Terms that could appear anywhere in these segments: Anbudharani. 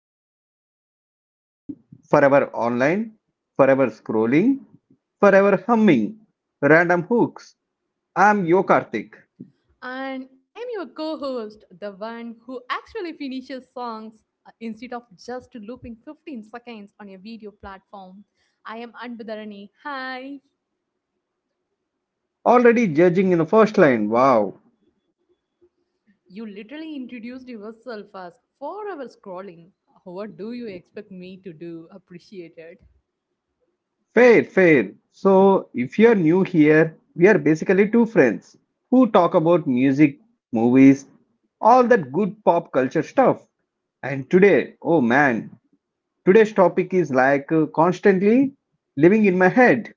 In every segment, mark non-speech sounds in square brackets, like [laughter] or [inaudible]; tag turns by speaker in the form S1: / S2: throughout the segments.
S1: I'm your host, mm, forever online, forever scrolling, forever humming, random hooks. I'm Yo Karthik.
S2: And I am your co host, the one who actually finishes songs instead of just looping 15 seconds on a video platform. I am Anbudharani. Hi.
S1: Already judging in the first line, wow.
S2: You literally introduced yourself as 4 hours scrolling. What do you expect me to do? Appreciate it.
S1: Fair, fair. So, if you're new here, we are basically two friends who talk about music, movies, all that good pop culture stuff. And today, oh man, today's topic is like constantly living in my head.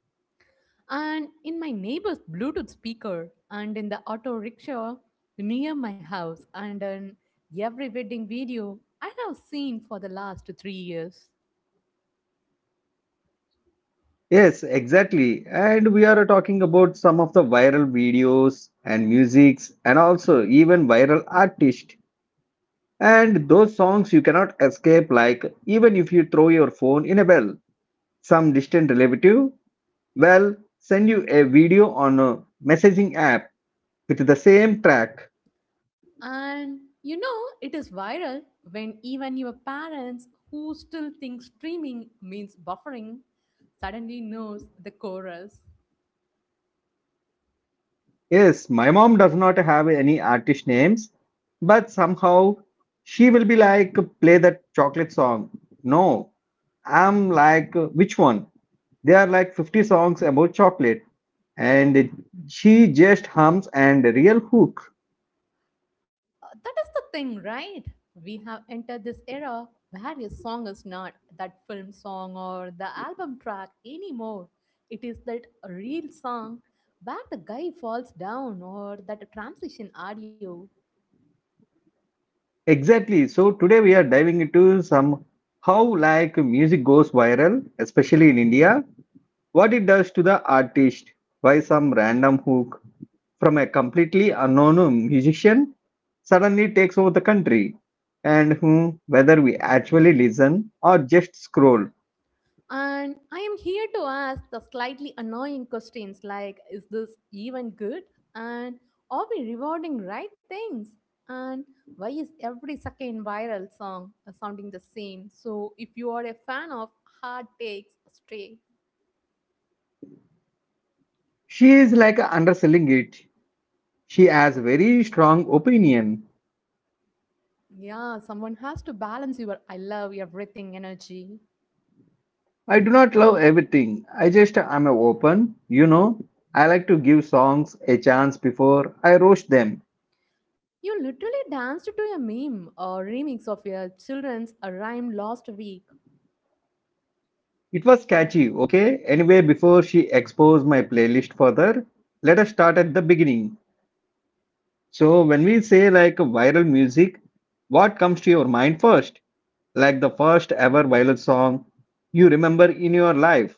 S2: And in my neighbor's Bluetooth speaker, and in the auto rickshaw near my house, and in every wedding video I have seen for the last 3 years.
S1: Yes, exactly. And we are talking about some of the viral videos and musics and also even viral artists. And those songs you cannot escape, like even if you throw your phone in a well, some distant relative well send you a video on a messaging app with the same track.
S2: And it is viral when even your parents, who still think streaming means buffering, suddenly knows the chorus.
S1: Yes, my mom does not have any artist names, but somehow she will be like, play that chocolate song. No, I'm like, which one? There are like 50 songs about chocolate, and she just hums and real hook.
S2: That is the thing, right? We have entered this era where a song is not that film song or the album track anymore. It is that real song where the guy falls down or that transition audio.
S1: Exactly. So today we are diving into some how like music goes viral, especially in India, what it does to the artist, why some random hook from a completely unknown musician suddenly takes over the country, and whether we actually listen or just scroll.
S2: And I am here to ask the slightly annoying questions like, is this even good? And are we rewarding right things? And why is every second viral song sounding the same? So, if you are a fan of hard takes, stray.
S1: She is like underselling it. She has very strong opinion.
S2: Yeah, someone has to balance your I love everything energy.
S1: I do not love everything. I just am open, you know. I like to give songs a chance before I roast them.
S2: You literally danced to a meme or remix of your children's rhyme last week.
S1: It was catchy, okay? Anyway, before she exposed my playlist further, let us start at the beginning. So, when we say like viral music, what comes to your mind first? Like the first ever viral song you remember in your life?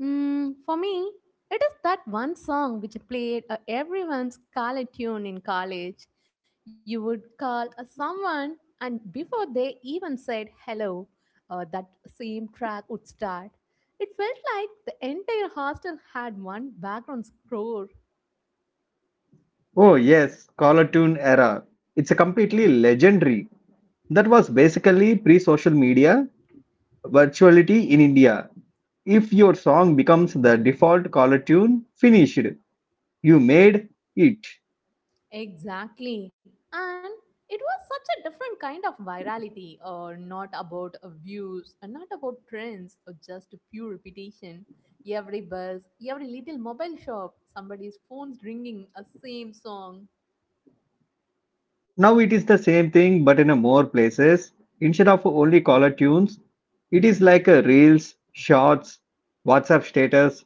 S2: For me, it is that one song which played everyone's college tune in college. You would call someone, and before they even said hello, that same track would start. It felt like the entire hostel had one background score.
S1: Oh, yes, Caller Tune era. It's a completely legendary. That was basically pre social media virtuality in India. If your song becomes the default caller tune, finished. You made it.
S2: Exactly. And it was such a different kind of virality, or not about views, and not about trends, or just pure repetition. Every bus, every little mobile shop, somebody's phone's ringing a same song.
S1: Now it is the same thing but in a more places. Instead of only caller tunes, it is like a reels, shorts, WhatsApp status,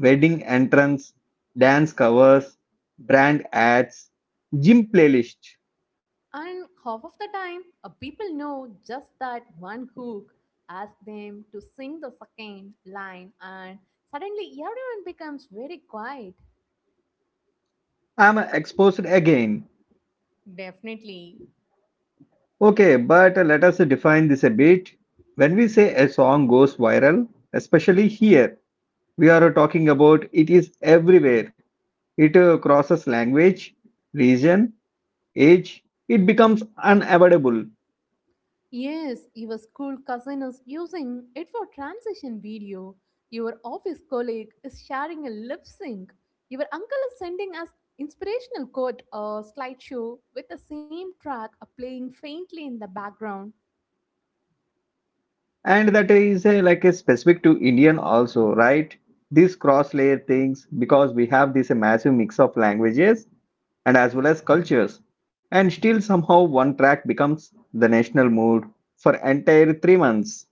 S1: wedding entrance, dance covers, brand ads, gym playlist.
S2: And half of the time, people know just that one hook. Ask them to sing the second line, and suddenly everyone becomes very quiet.
S1: I'm exposed again.
S2: Definitely.
S1: Okay, but let us define this a bit. When we say a song goes viral, especially here, we are talking about it is everywhere. It crosses language, region, age, it becomes unavoidable.
S2: Yes, your school cousin is using it for transition video. Your office colleague is sharing a lip sync. Your uncle is sending us inspirational quote or slideshow with the same track playing faintly in the background.
S1: And that is a, like a specific to indian also, right? These cross layer things, because we have this massive mix of languages and as well as cultures, and still somehow one track becomes the national mood for entire 3 months.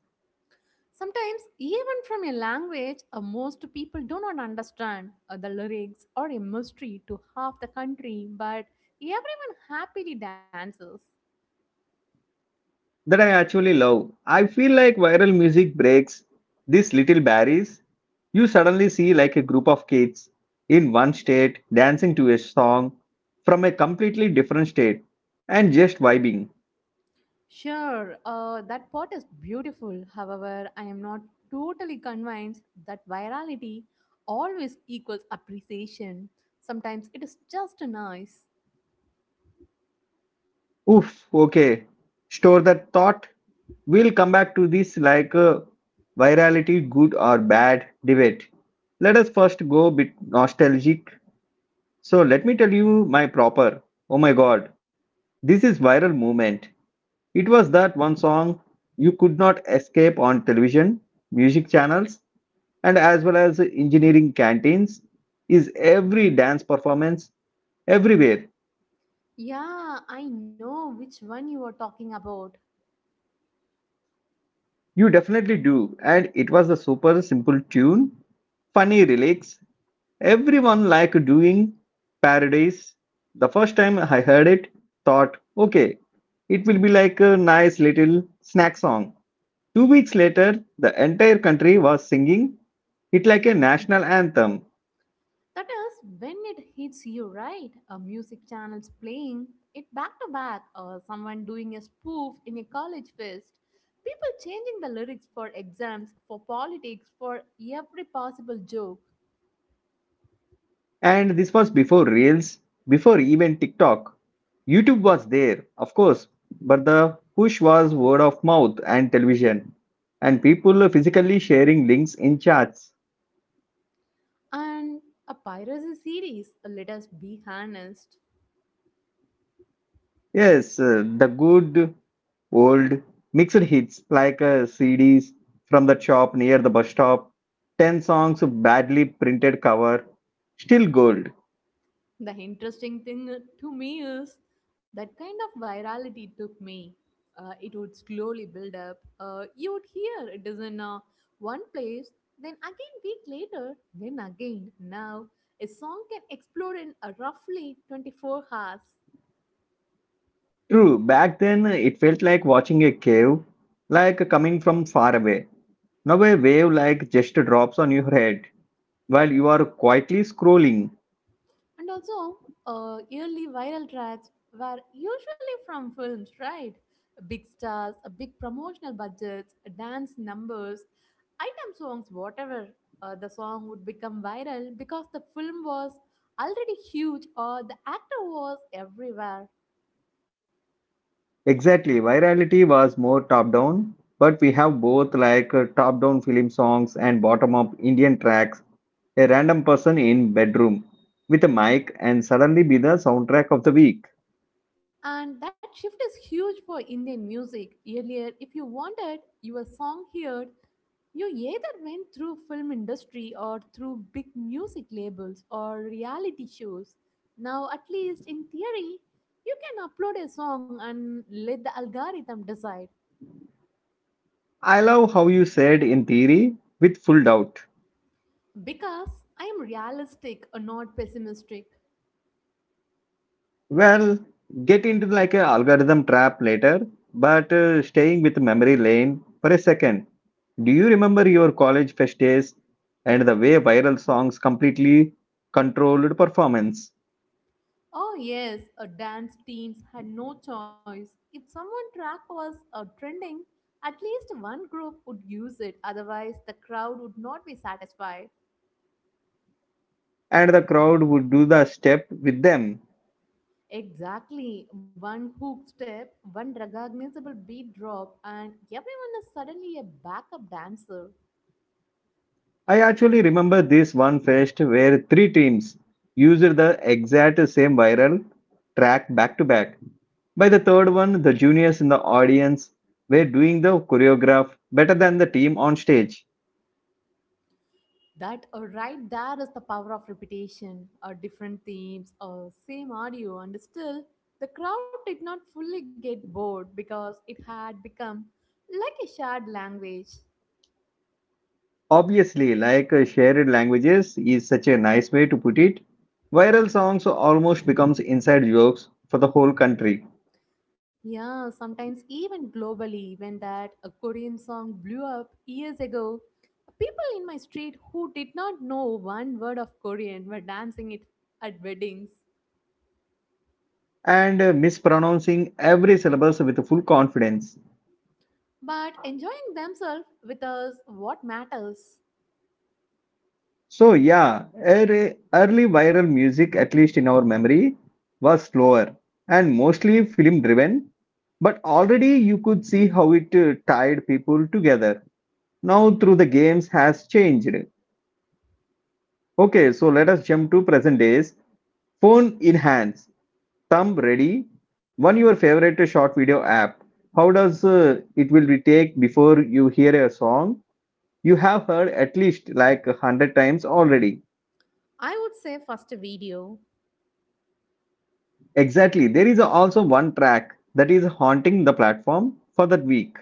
S2: Sometimes, even from a language most people do not understand the lyrics are a mystery to half the country, but everyone happily dances.
S1: That I actually love. I feel like viral music breaks these little barriers. You suddenly see like a group of kids in one state dancing to a song from a completely different state and just vibing.
S2: Sure, that pot is beautiful. However, I am not totally convinced that virality always equals appreciation. Sometimes it is just nice.
S1: Oof, okay. Store that thought. We'll come back to this like a virality good or bad debate. Let us first go a bit nostalgic. So let me tell you my proper. Oh my god, this is viral movement. It was that one song you could not escape on television, music channels, and as well as engineering canteens is every dance performance everywhere.
S2: Yeah, I know which one you are talking about.
S1: You definitely do. And it was a super simple tune, funny lyrics. Everyone liked doing parodies. The first time I heard it, thought, okay, it will be like a nice little snack song. 2 weeks later, the entire country was singing it like a national anthem.
S2: That is when it hits you right. A music channel's playing it back to back, or someone doing a spoof in a college fest. People changing the lyrics for exams, for politics, for every possible joke.
S1: And this was before Reels, before even TikTok. YouTube was there, of course, but the push was word of mouth and television, and people physically sharing links in chats.
S2: And a piracy series, let us be honest.
S1: Yes, the good old mixed hits like CDs from the shop near the bus stop, 10 songs badly printed cover, still gold.
S2: The interesting thing to me is that kind of virality took me. It would slowly build up. You would hear it is in one place, then again week later, then again now. A song can explode in roughly 24 hours.
S1: True, back then it felt like watching a cave, like coming from far away. Now a wave like just drops on your head while you are quietly scrolling.
S2: And also, early viral tracks were usually from films, right? Big stars, big promotional budgets, dance numbers, item songs, whatever. The song would become viral because the film was already huge or the actor was everywhere.
S1: Exactly, virality was more top down, but we have both like top down film songs and bottom up Indian tracks. A random person in bedroom with a mic and suddenly be the soundtrack of the week.
S2: And that shift is huge for Indian music. Earlier, if you wanted your song heard, you either went through film industry or through big music labels or reality shows. Now, at least in theory, you can upload a song and let the algorithm decide.
S1: I love how you said in theory with full doubt.
S2: Because I am realistic, not pessimistic.
S1: Well, get into like a algorithm trap later, but staying with memory lane for a second. Do you remember your college fest days and the way viral songs completely controlled performance
S2: Oh, yes, a dance teams had no choice. If someone track was trending, at least one group would use it. Otherwise, the crowd would not be satisfied.
S1: and the crowd would do the step with them?
S2: Exactly, one hook step, one recognizable beat drop, and everyone is suddenly a backup dancer.
S1: I actually remember this one fest where three teams used the exact same viral track back to back. By the third one, the juniors in the audience were doing the choreograph better than the team on stage.
S2: That right there is the power of repetition, different themes, same audio, and still the crowd did not fully get bored because it had become like a shared language.
S1: Obviously, like shared languages is such a nice way to put it, viral songs almost becomes inside jokes for the whole country
S2: Yeah, sometimes even globally, when that a Korean song blew up years ago, people in my street who did not know one word of Korean were dancing it at weddings,
S1: and mispronouncing every syllable with full confidence.
S2: but enjoying themselves with us what matters.
S1: So yeah, early viral music, at least in our memory, was slower and mostly film driven, but already you could see how it tied people together. Now through the games has changed. Okay, so let us jump to present days, phone in hands, thumb ready. One your favorite short video app. How does it will be take before you hear a song you have heard at least like a hundred times already?
S2: I would say first video.
S1: Exactly. There is also one track that is haunting the platform for that week.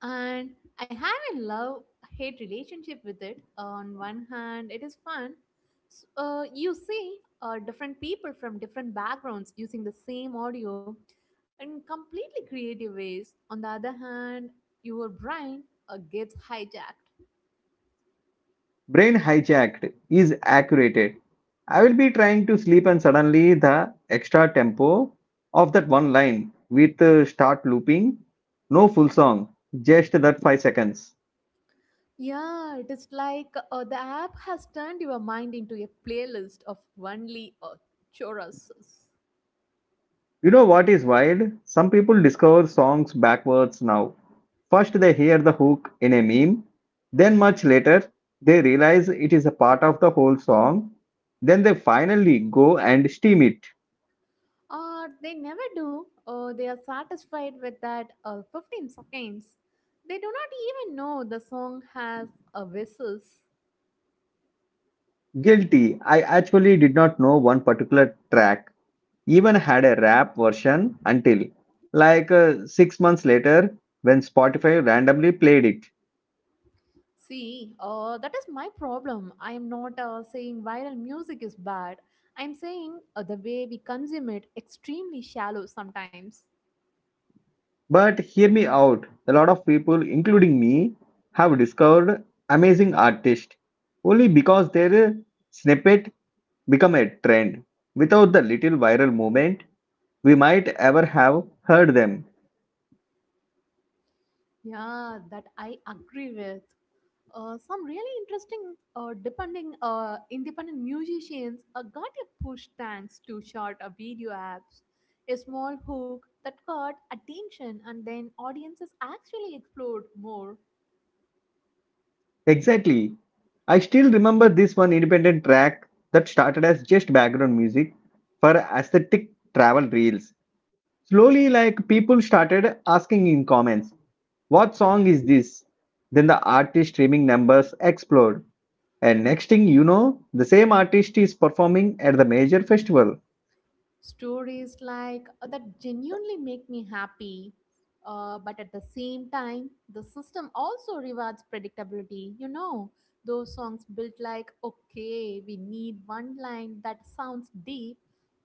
S2: And I have a love hate relationship with it. On one hand, it is fun. You see different people from different backgrounds using the same audio in completely creative ways. On the other hand, your brain gets hijacked.
S1: Brain hijacked is accurate. I will be trying to sleep and suddenly the extra tempo of that one line with start looping, no full song, just that 5 seconds.
S2: Yeah, it is like the app has turned your mind into a playlist of only choruses.
S1: You know what is wild? Some people discover songs backwards now. First, they hear the hook in a meme. Then, much later, they realize it is a part of the whole song. Then they finally go and steam it.
S2: Or they never do, or they are satisfied with that 15 seconds. They do not even know the song has a whistles.
S1: Guilty. I actually did not know one particular track even had a rap version until like 6 months later when Spotify randomly played it.
S2: See, that is my problem. I am not saying viral music is bad. I am saying the way we consume it extremely shallow sometimes.
S1: But hear me out. A lot of people, including me, have discovered amazing artists only because their snippet become a trend. Without the little viral movement, we might ever have heard them.
S2: Yeah, that I agree with. Some really interesting depending independent musicians got a push thanks to short video apps, a small hook that caught attention, and then audiences actually explored more.
S1: Exactly. I still remember this one independent track that started as just background music for aesthetic travel reels. Slowly, like people started asking in comments, what song is this? Then the artist streaming numbers explode. And next thing you know, the same artist is performing at the major festival.
S2: Stories like that genuinely make me happy, but at the same time the system also rewards predictability. You know, those songs built like, okay, we need one line that sounds deep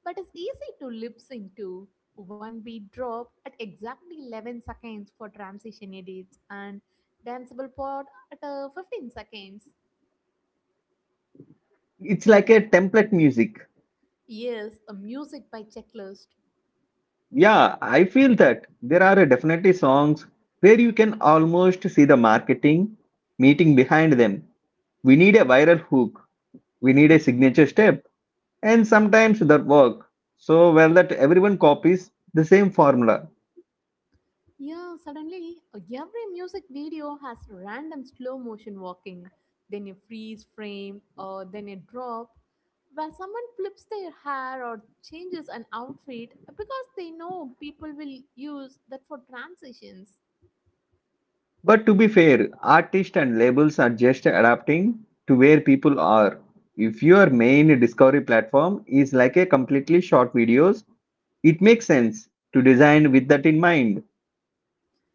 S2: but is easy to lip sync to, one beat drop at exactly 11 seconds for transition edits and danceable part at 15 seconds.
S1: It's like a template music.
S2: Yes, a music by checklist.
S1: Yeah, I feel that there are definitely songs where you can almost see the marketing meeting behind them. We need a viral hook, we need a signature step, and sometimes that work so well that everyone copies the same formula.
S2: Yeah, suddenly every music video has random slow motion walking, then a freeze frame, or then a drop, where someone flips their hair or changes an outfit because they know people will use that for transitions.
S1: But to be fair, artists and labels are just adapting to where people are. If your main discovery platform is like a completely short videos, it makes sense to design with that in mind.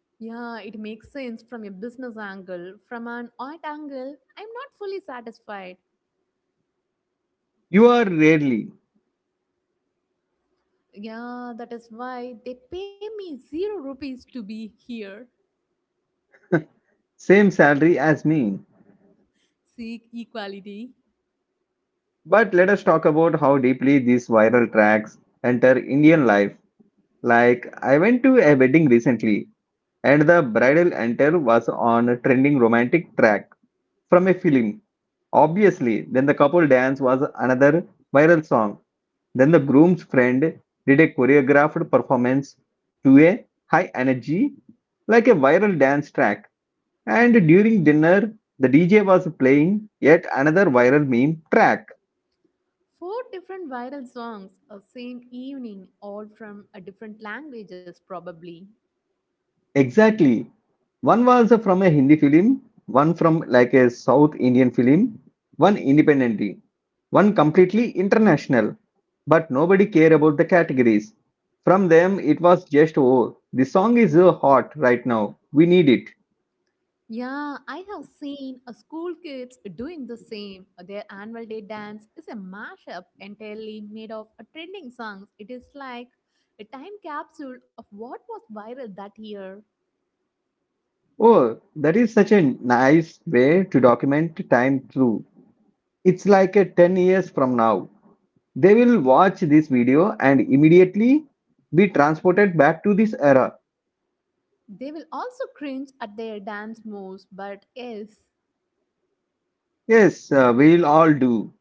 S2: Yeah, it makes sense from a business angle. From an art angle, I'm not fully satisfied.
S1: You are rarely
S2: Yeah, that is why they pay me 0 rupees to be here.
S1: same salary as me.
S2: Seek equality.
S1: But let us talk about how deeply these viral tracks enter Indian life. Like I went to a wedding recently and the bridal enter was on a trending romantic track from a film. Obviously, then the couple dance was another viral song. Then the groom's friend did a choreographed performance to a high energy, like a viral dance track. And during dinner, the DJ was playing yet another viral meme track.
S2: Four different viral songs, a same evening, all from a different languages, probably.
S1: Exactly. One was from a Hindi film, one from like a South Indian film, one independently, one completely international. But nobody care about the categories. From them, it was just, oh, the song is hot right now. We need it.
S2: Yeah, I have seen a school kids doing the same. Their annual day dance is a mashup entirely made of a trending songs. It is like a time capsule of what was viral that year.
S1: Oh, that is such a nice way to document time through. It's like a 10 years from now. They will watch this video and immediately be transported back to this era.
S2: They will also cringe at their dance moves, but yes.
S1: Yes, we'll all do.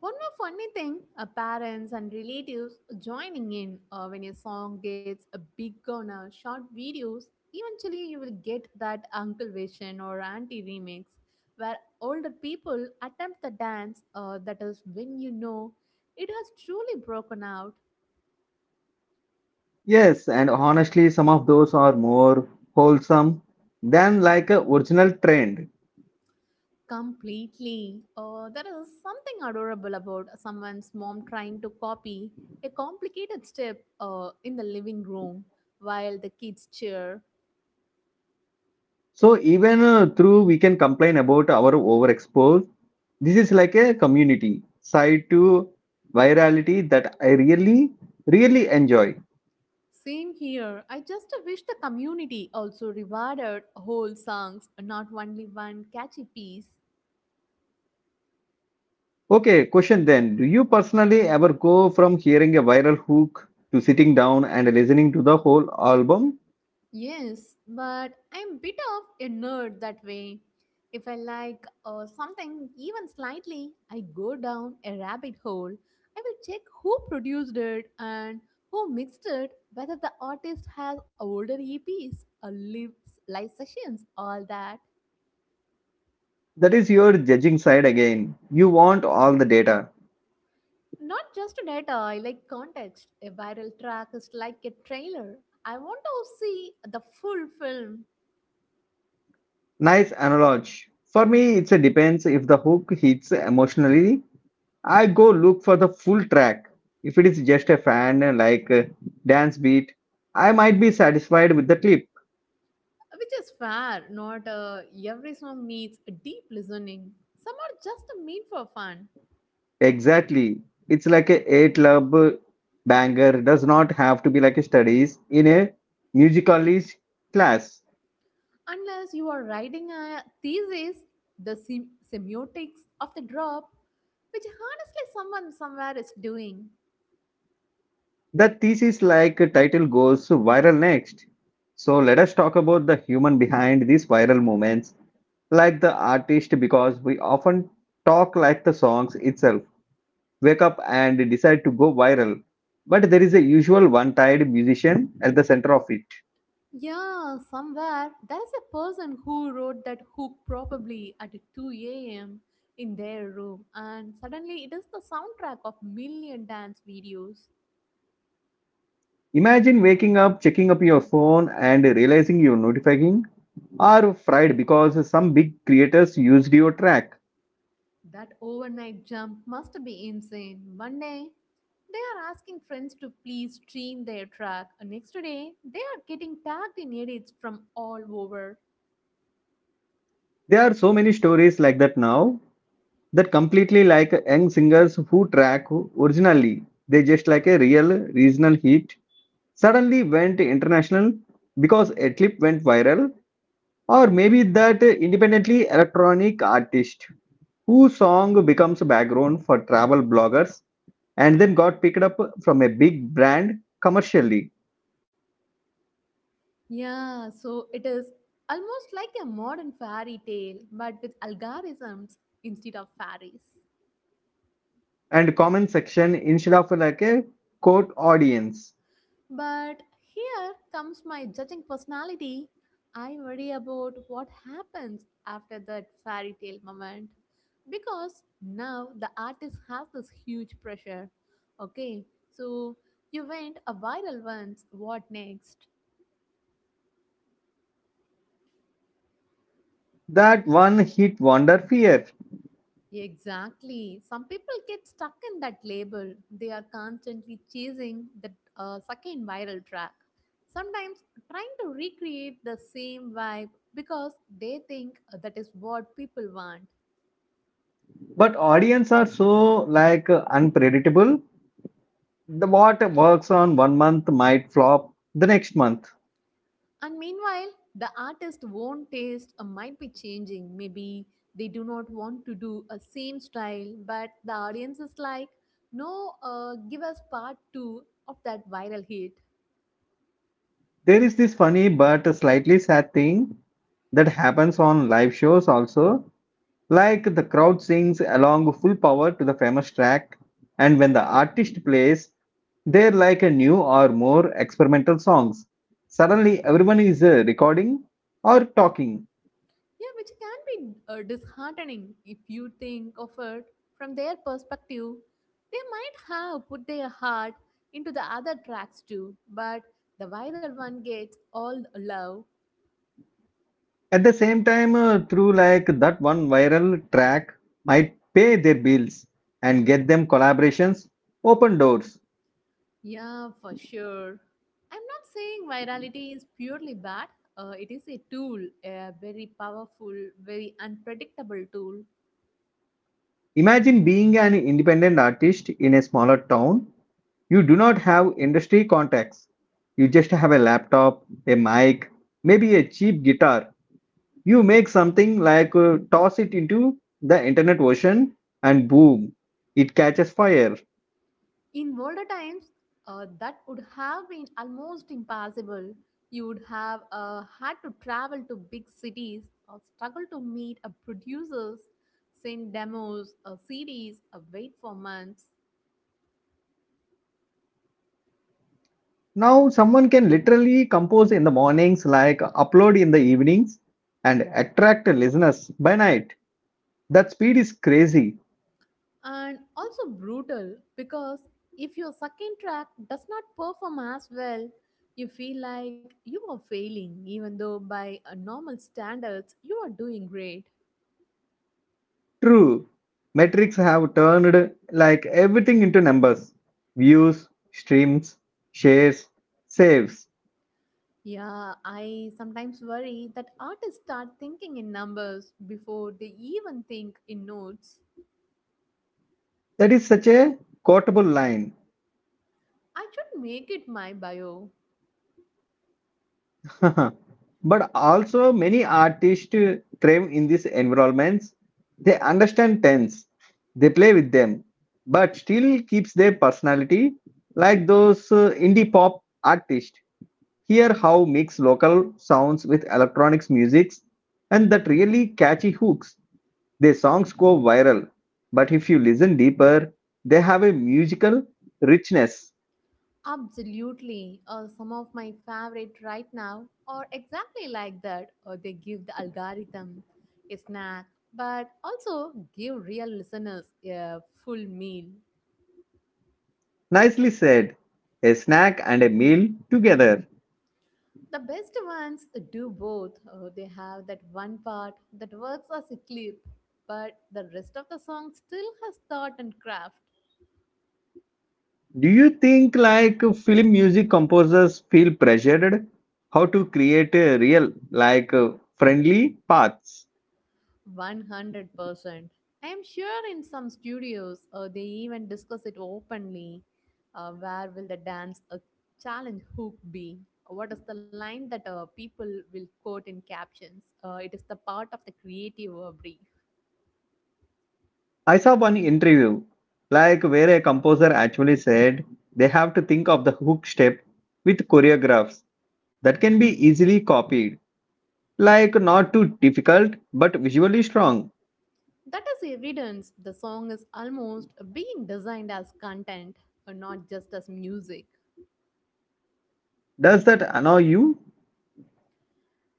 S2: One more funny thing, parents and relatives joining in when a song gets a big on short videos, eventually you will get that uncle version or auntie remix where older people attempt the dance, that is when you know it has truly broken out
S1: Yes, and honestly, some of those are more wholesome than like a original trend.
S2: completely. There is something adorable about someone's mom trying to copy a complicated step in the living room while the kids cheer.
S1: So even through we can complain about our overexposed. This is like a community side to virality that I really, really enjoy.
S2: Same here. I just wish the community also rewarded whole songs, not only one catchy piece.
S1: Okay, question then. Do you personally ever go from hearing a viral hook to sitting down and listening to the whole album?
S2: Yes, but I'm bit of a nerd that way. If I like something even slightly, I go down a rabbit hole. I will check who produced it and who mixed it, whether the artist has older EPs, or live sessions, all that.
S1: That is your judging side again. You want all the data.
S2: Not just data, I like context. A viral track is like a trailer. I want to see the full film,
S1: Nice analogy. For me, it's a depends if the hook hits emotionally. I go look for the full track. If it is just a fan like a dance beat, I might be satisfied with the clip.
S2: which is fair. Not every song needs a deep listening. Some are just made for fun.
S1: Exactly. It's like a eight club banger does not have to be like a studies in a musicalist class.
S2: Unless you are writing a thesis, the semiotics of the drop, which honestly someone somewhere is doing.
S1: The thesis like title goes viral next. So let us talk about the human behind these viral moments, like the artist, because we often talk like the songs itself wake up and decide to go viral, but there is a usual one-tied musician at the center of it.
S2: Yeah, somewhere there's a person who wrote that hook probably at 2 a.m. in their room, and suddenly it is the soundtrack of million dance videos.
S1: Imagine waking up, checking up your phone and realizing you're notifying are fried because some big creators used your track.
S2: That overnight jump must be insane. One day, they are asking friends to please stream their track. And next day, they are getting tagged in edits from all over.
S1: There are so many stories like that now, that completely like young singers who track originally, they just like a real regional hit, suddenly went international because a clip went viral, or maybe that independently electronic artist whose song becomes background for travel bloggers and then got picked up from a big brand commercially.
S2: Yeah, so it is almost like a modern fairy tale, but with algorithms instead of fairies.
S1: And comment section instead of like a quote audience.
S2: But here comes my judging personality. I worry about what happens after that fairy tale moment. Because now the artist has this huge pressure. Okay, so you went a viral once, what next?
S1: That one hit wonder fear.
S2: Exactly. Some people get stuck in that label. They are constantly chasing that second viral track. Sometimes trying to recreate the same vibe because they think that is what people want.
S1: But audience are so like unpredictable. The what works on 1 month might flop the next month.
S2: And meanwhile, the artist's own taste might be changing. Maybe they do not want to do a same style, but the audience is like, no, give us part two of that viral hit.
S1: There is this funny but slightly sad thing that happens on live shows also. Like the crowd sings along full power to the famous track, and when the artist plays, they're like a new or more experimental songs. Suddenly, everyone is recording or talking
S2: Yeah, which can be disheartening if you think of it from their perspective. They might have put their heart into the other tracks too, but the viral one gets all the love.
S1: at the same time through like that one viral track might pay their bills and get them collaborations, open doors.
S2: Yeah, for sure. I'm not saying virality is purely bad. It is a tool, a very powerful, very unpredictable tool.
S1: Imagine being an independent artist in a smaller town. You do not have industry contacts. You just have a laptop, a mic, maybe a cheap guitar. You make something like toss it into the internet ocean, and boom, it catches fire.
S2: In older times, that would have been almost impossible. You would have had to travel to big cities or struggle to meet producers, send demos, CDs, wait for months.
S1: Now someone can literally compose in the mornings, like upload in the evenings, and attract listeners by night. That speed is crazy.
S2: And also brutal because if your second track does not perform as well, you feel like you are failing, even though by normal standards you are doing great.
S1: True, metrics have turned like everything into numbers: views, streams, shares, saves.
S2: Yeah, I sometimes worry that artists start thinking in numbers before they even think in notes.
S1: That is such a quotable line.
S2: I should make it my bio.
S1: [laughs] But also, many artists thrive in these environments. They understand trends, they play with them, but still keeps their personality. Like those indie pop artists, hear how mix local sounds with electronics musics, and that really catchy hooks. Their songs go viral, but if you listen deeper, they have a musical richness.
S2: Absolutely. Some of my favorite right now are exactly like that, or they give the algorithm a snack, but also give real listeners a full meal.
S1: Nicely said. A snack and a meal together.
S2: The best ones do both. They have that one part that works as a clip, but the rest of the song still has thought and craft.
S1: Do you think like film music composers feel pressured how to create a real like friendly paths?
S2: 100%. I am sure in some studios they even discuss it openly. Where will the dance challenge hook be? What is the line that people will quote in captions? It is the part of the creative brief.
S1: I saw one interview like where a composer actually said they have to think of the hook step with choreographs that can be easily copied. Like not too difficult but visually strong.
S2: That is evidence the song is almost being designed as content and not just as music.
S1: Does that annoy you?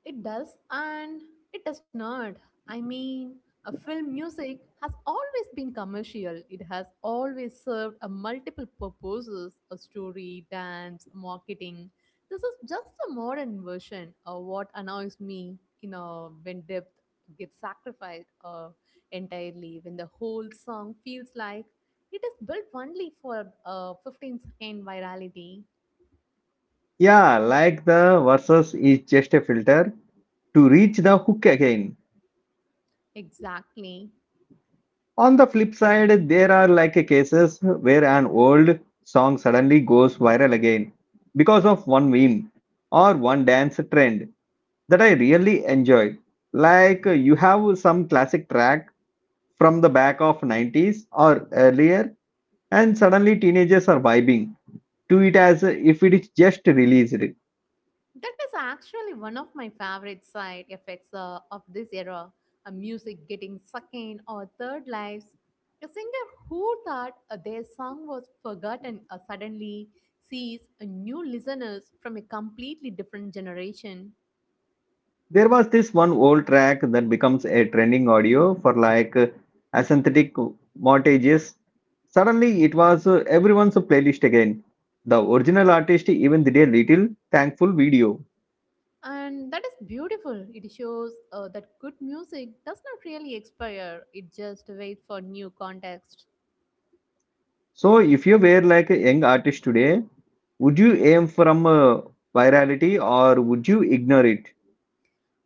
S2: It does and it does not. I mean, a film music has always been commercial. It has always served a multiple purposes, a story, dance, marketing. This is just a modern version of what annoys me, when depth gets sacrificed entirely, when the whole song feels like it is built only for a 15-second virality.
S1: Yeah, like the verses is just a filter to reach the hook again.
S2: Exactly.
S1: On the flip side, there are like cases where an old song suddenly goes viral again because of one meme or one dance trend that I really enjoy. Like you have some classic track from the back of 90s or earlier, and suddenly teenagers are vibing to it as if it is just released.
S2: That is actually one of my favorite side effects of this era. A music getting second or third lives. A singer who thought their song was forgotten suddenly sees a new listeners from a completely different generation.
S1: There was this one old track that becomes a trending audio for like synthetic mortgages. Suddenly, it was everyone's playlist again. The original artist even did a little thankful video.
S2: And that is beautiful. It shows that good music does not really expire, it just waits for new context.
S1: So, if you were like a young artist today, would you aim from virality, or would you ignore it?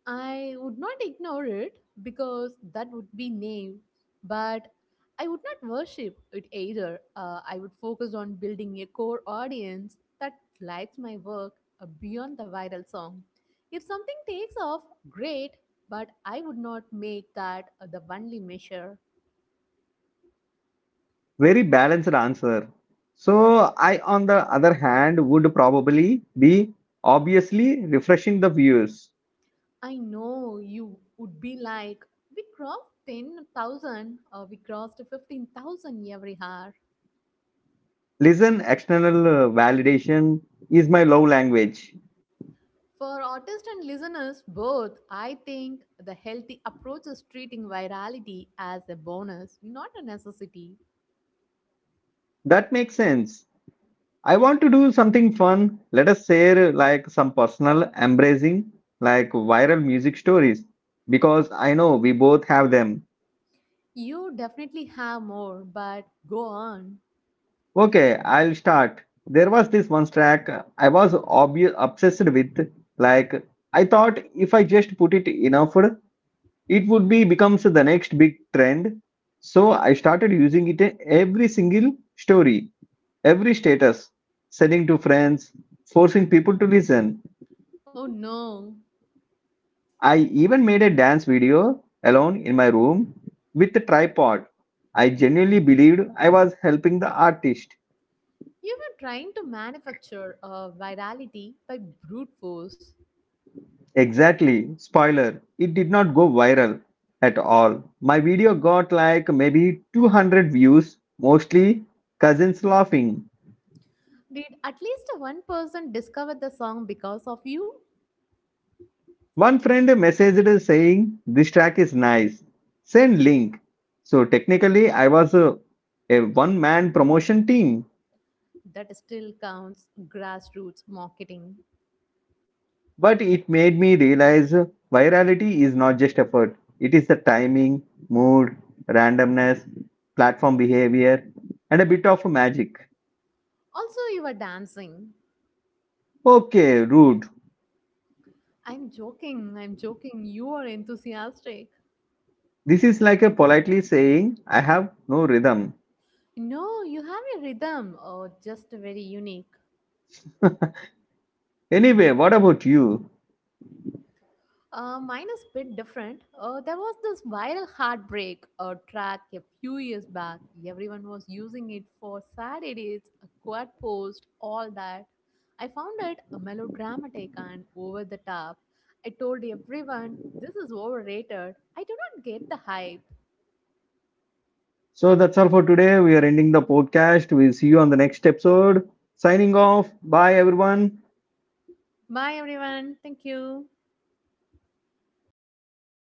S2: I would not ignore it because that would be naive, but I would not worship it either. I would focus on building a core audience that likes my work beyond the viral song. If something takes off, great, but I would not make that the only measure.
S1: Very balanced answer. So, I, on the other hand, would probably be obviously refreshing the views.
S2: I know you would be like, we crossed 10,000, we crossed 15,000 every hour.
S1: Listen, external validation is my love language.
S2: For artists and listeners both, I think the healthy approach is treating virality as a bonus, not a necessity.
S1: That makes sense. I want to do something fun. Let us share like some personal embracing, like viral music stories, because I know we both have them.
S2: You definitely have more, but go on.
S1: Okay, I'll start. There was this one track I was obsessed with. Like, I thought if I just put it enough, it would be becomes the next big trend. So I started using it in every single story. Every status, selling to friends, forcing people to listen.
S2: Oh no.
S1: I even made a dance video alone in my room with a tripod. I genuinely believed I was helping the artist.
S2: You were trying to manufacture a virality by brute force.
S1: Exactly. Spoiler, it did not go viral at all. My video got like maybe 200 views, mostly cousins laughing.
S2: Did at least one person discover the song because of you?
S1: One friend messaged saying this track is nice. Send link. So technically I was a, one man promotion team,
S2: That still counts grassroots marketing.
S1: but it made me realize virality is not just effort. It is the timing, mood, randomness, platform behavior and a bit of magic.
S2: Also, you are dancing.
S1: Okay, rude.
S2: I'm joking, I'm joking. You are enthusiastic.
S1: This is like a politely saying I have no rhythm.
S2: No, you have a rhythm, just very unique.
S1: Anyway, what about you?
S2: Mine is a bit different. There was this viral heartbreak track a few years back. Everyone was using it for sad edits, a quad post, all that. I found it a melodramatic and over the top. I told everyone this is overrated. I do not get the hype.
S1: So that's all for today. We are ending the podcast. We'll see you on the next episode. Signing off. Bye, everyone.
S2: Bye, everyone. Thank you.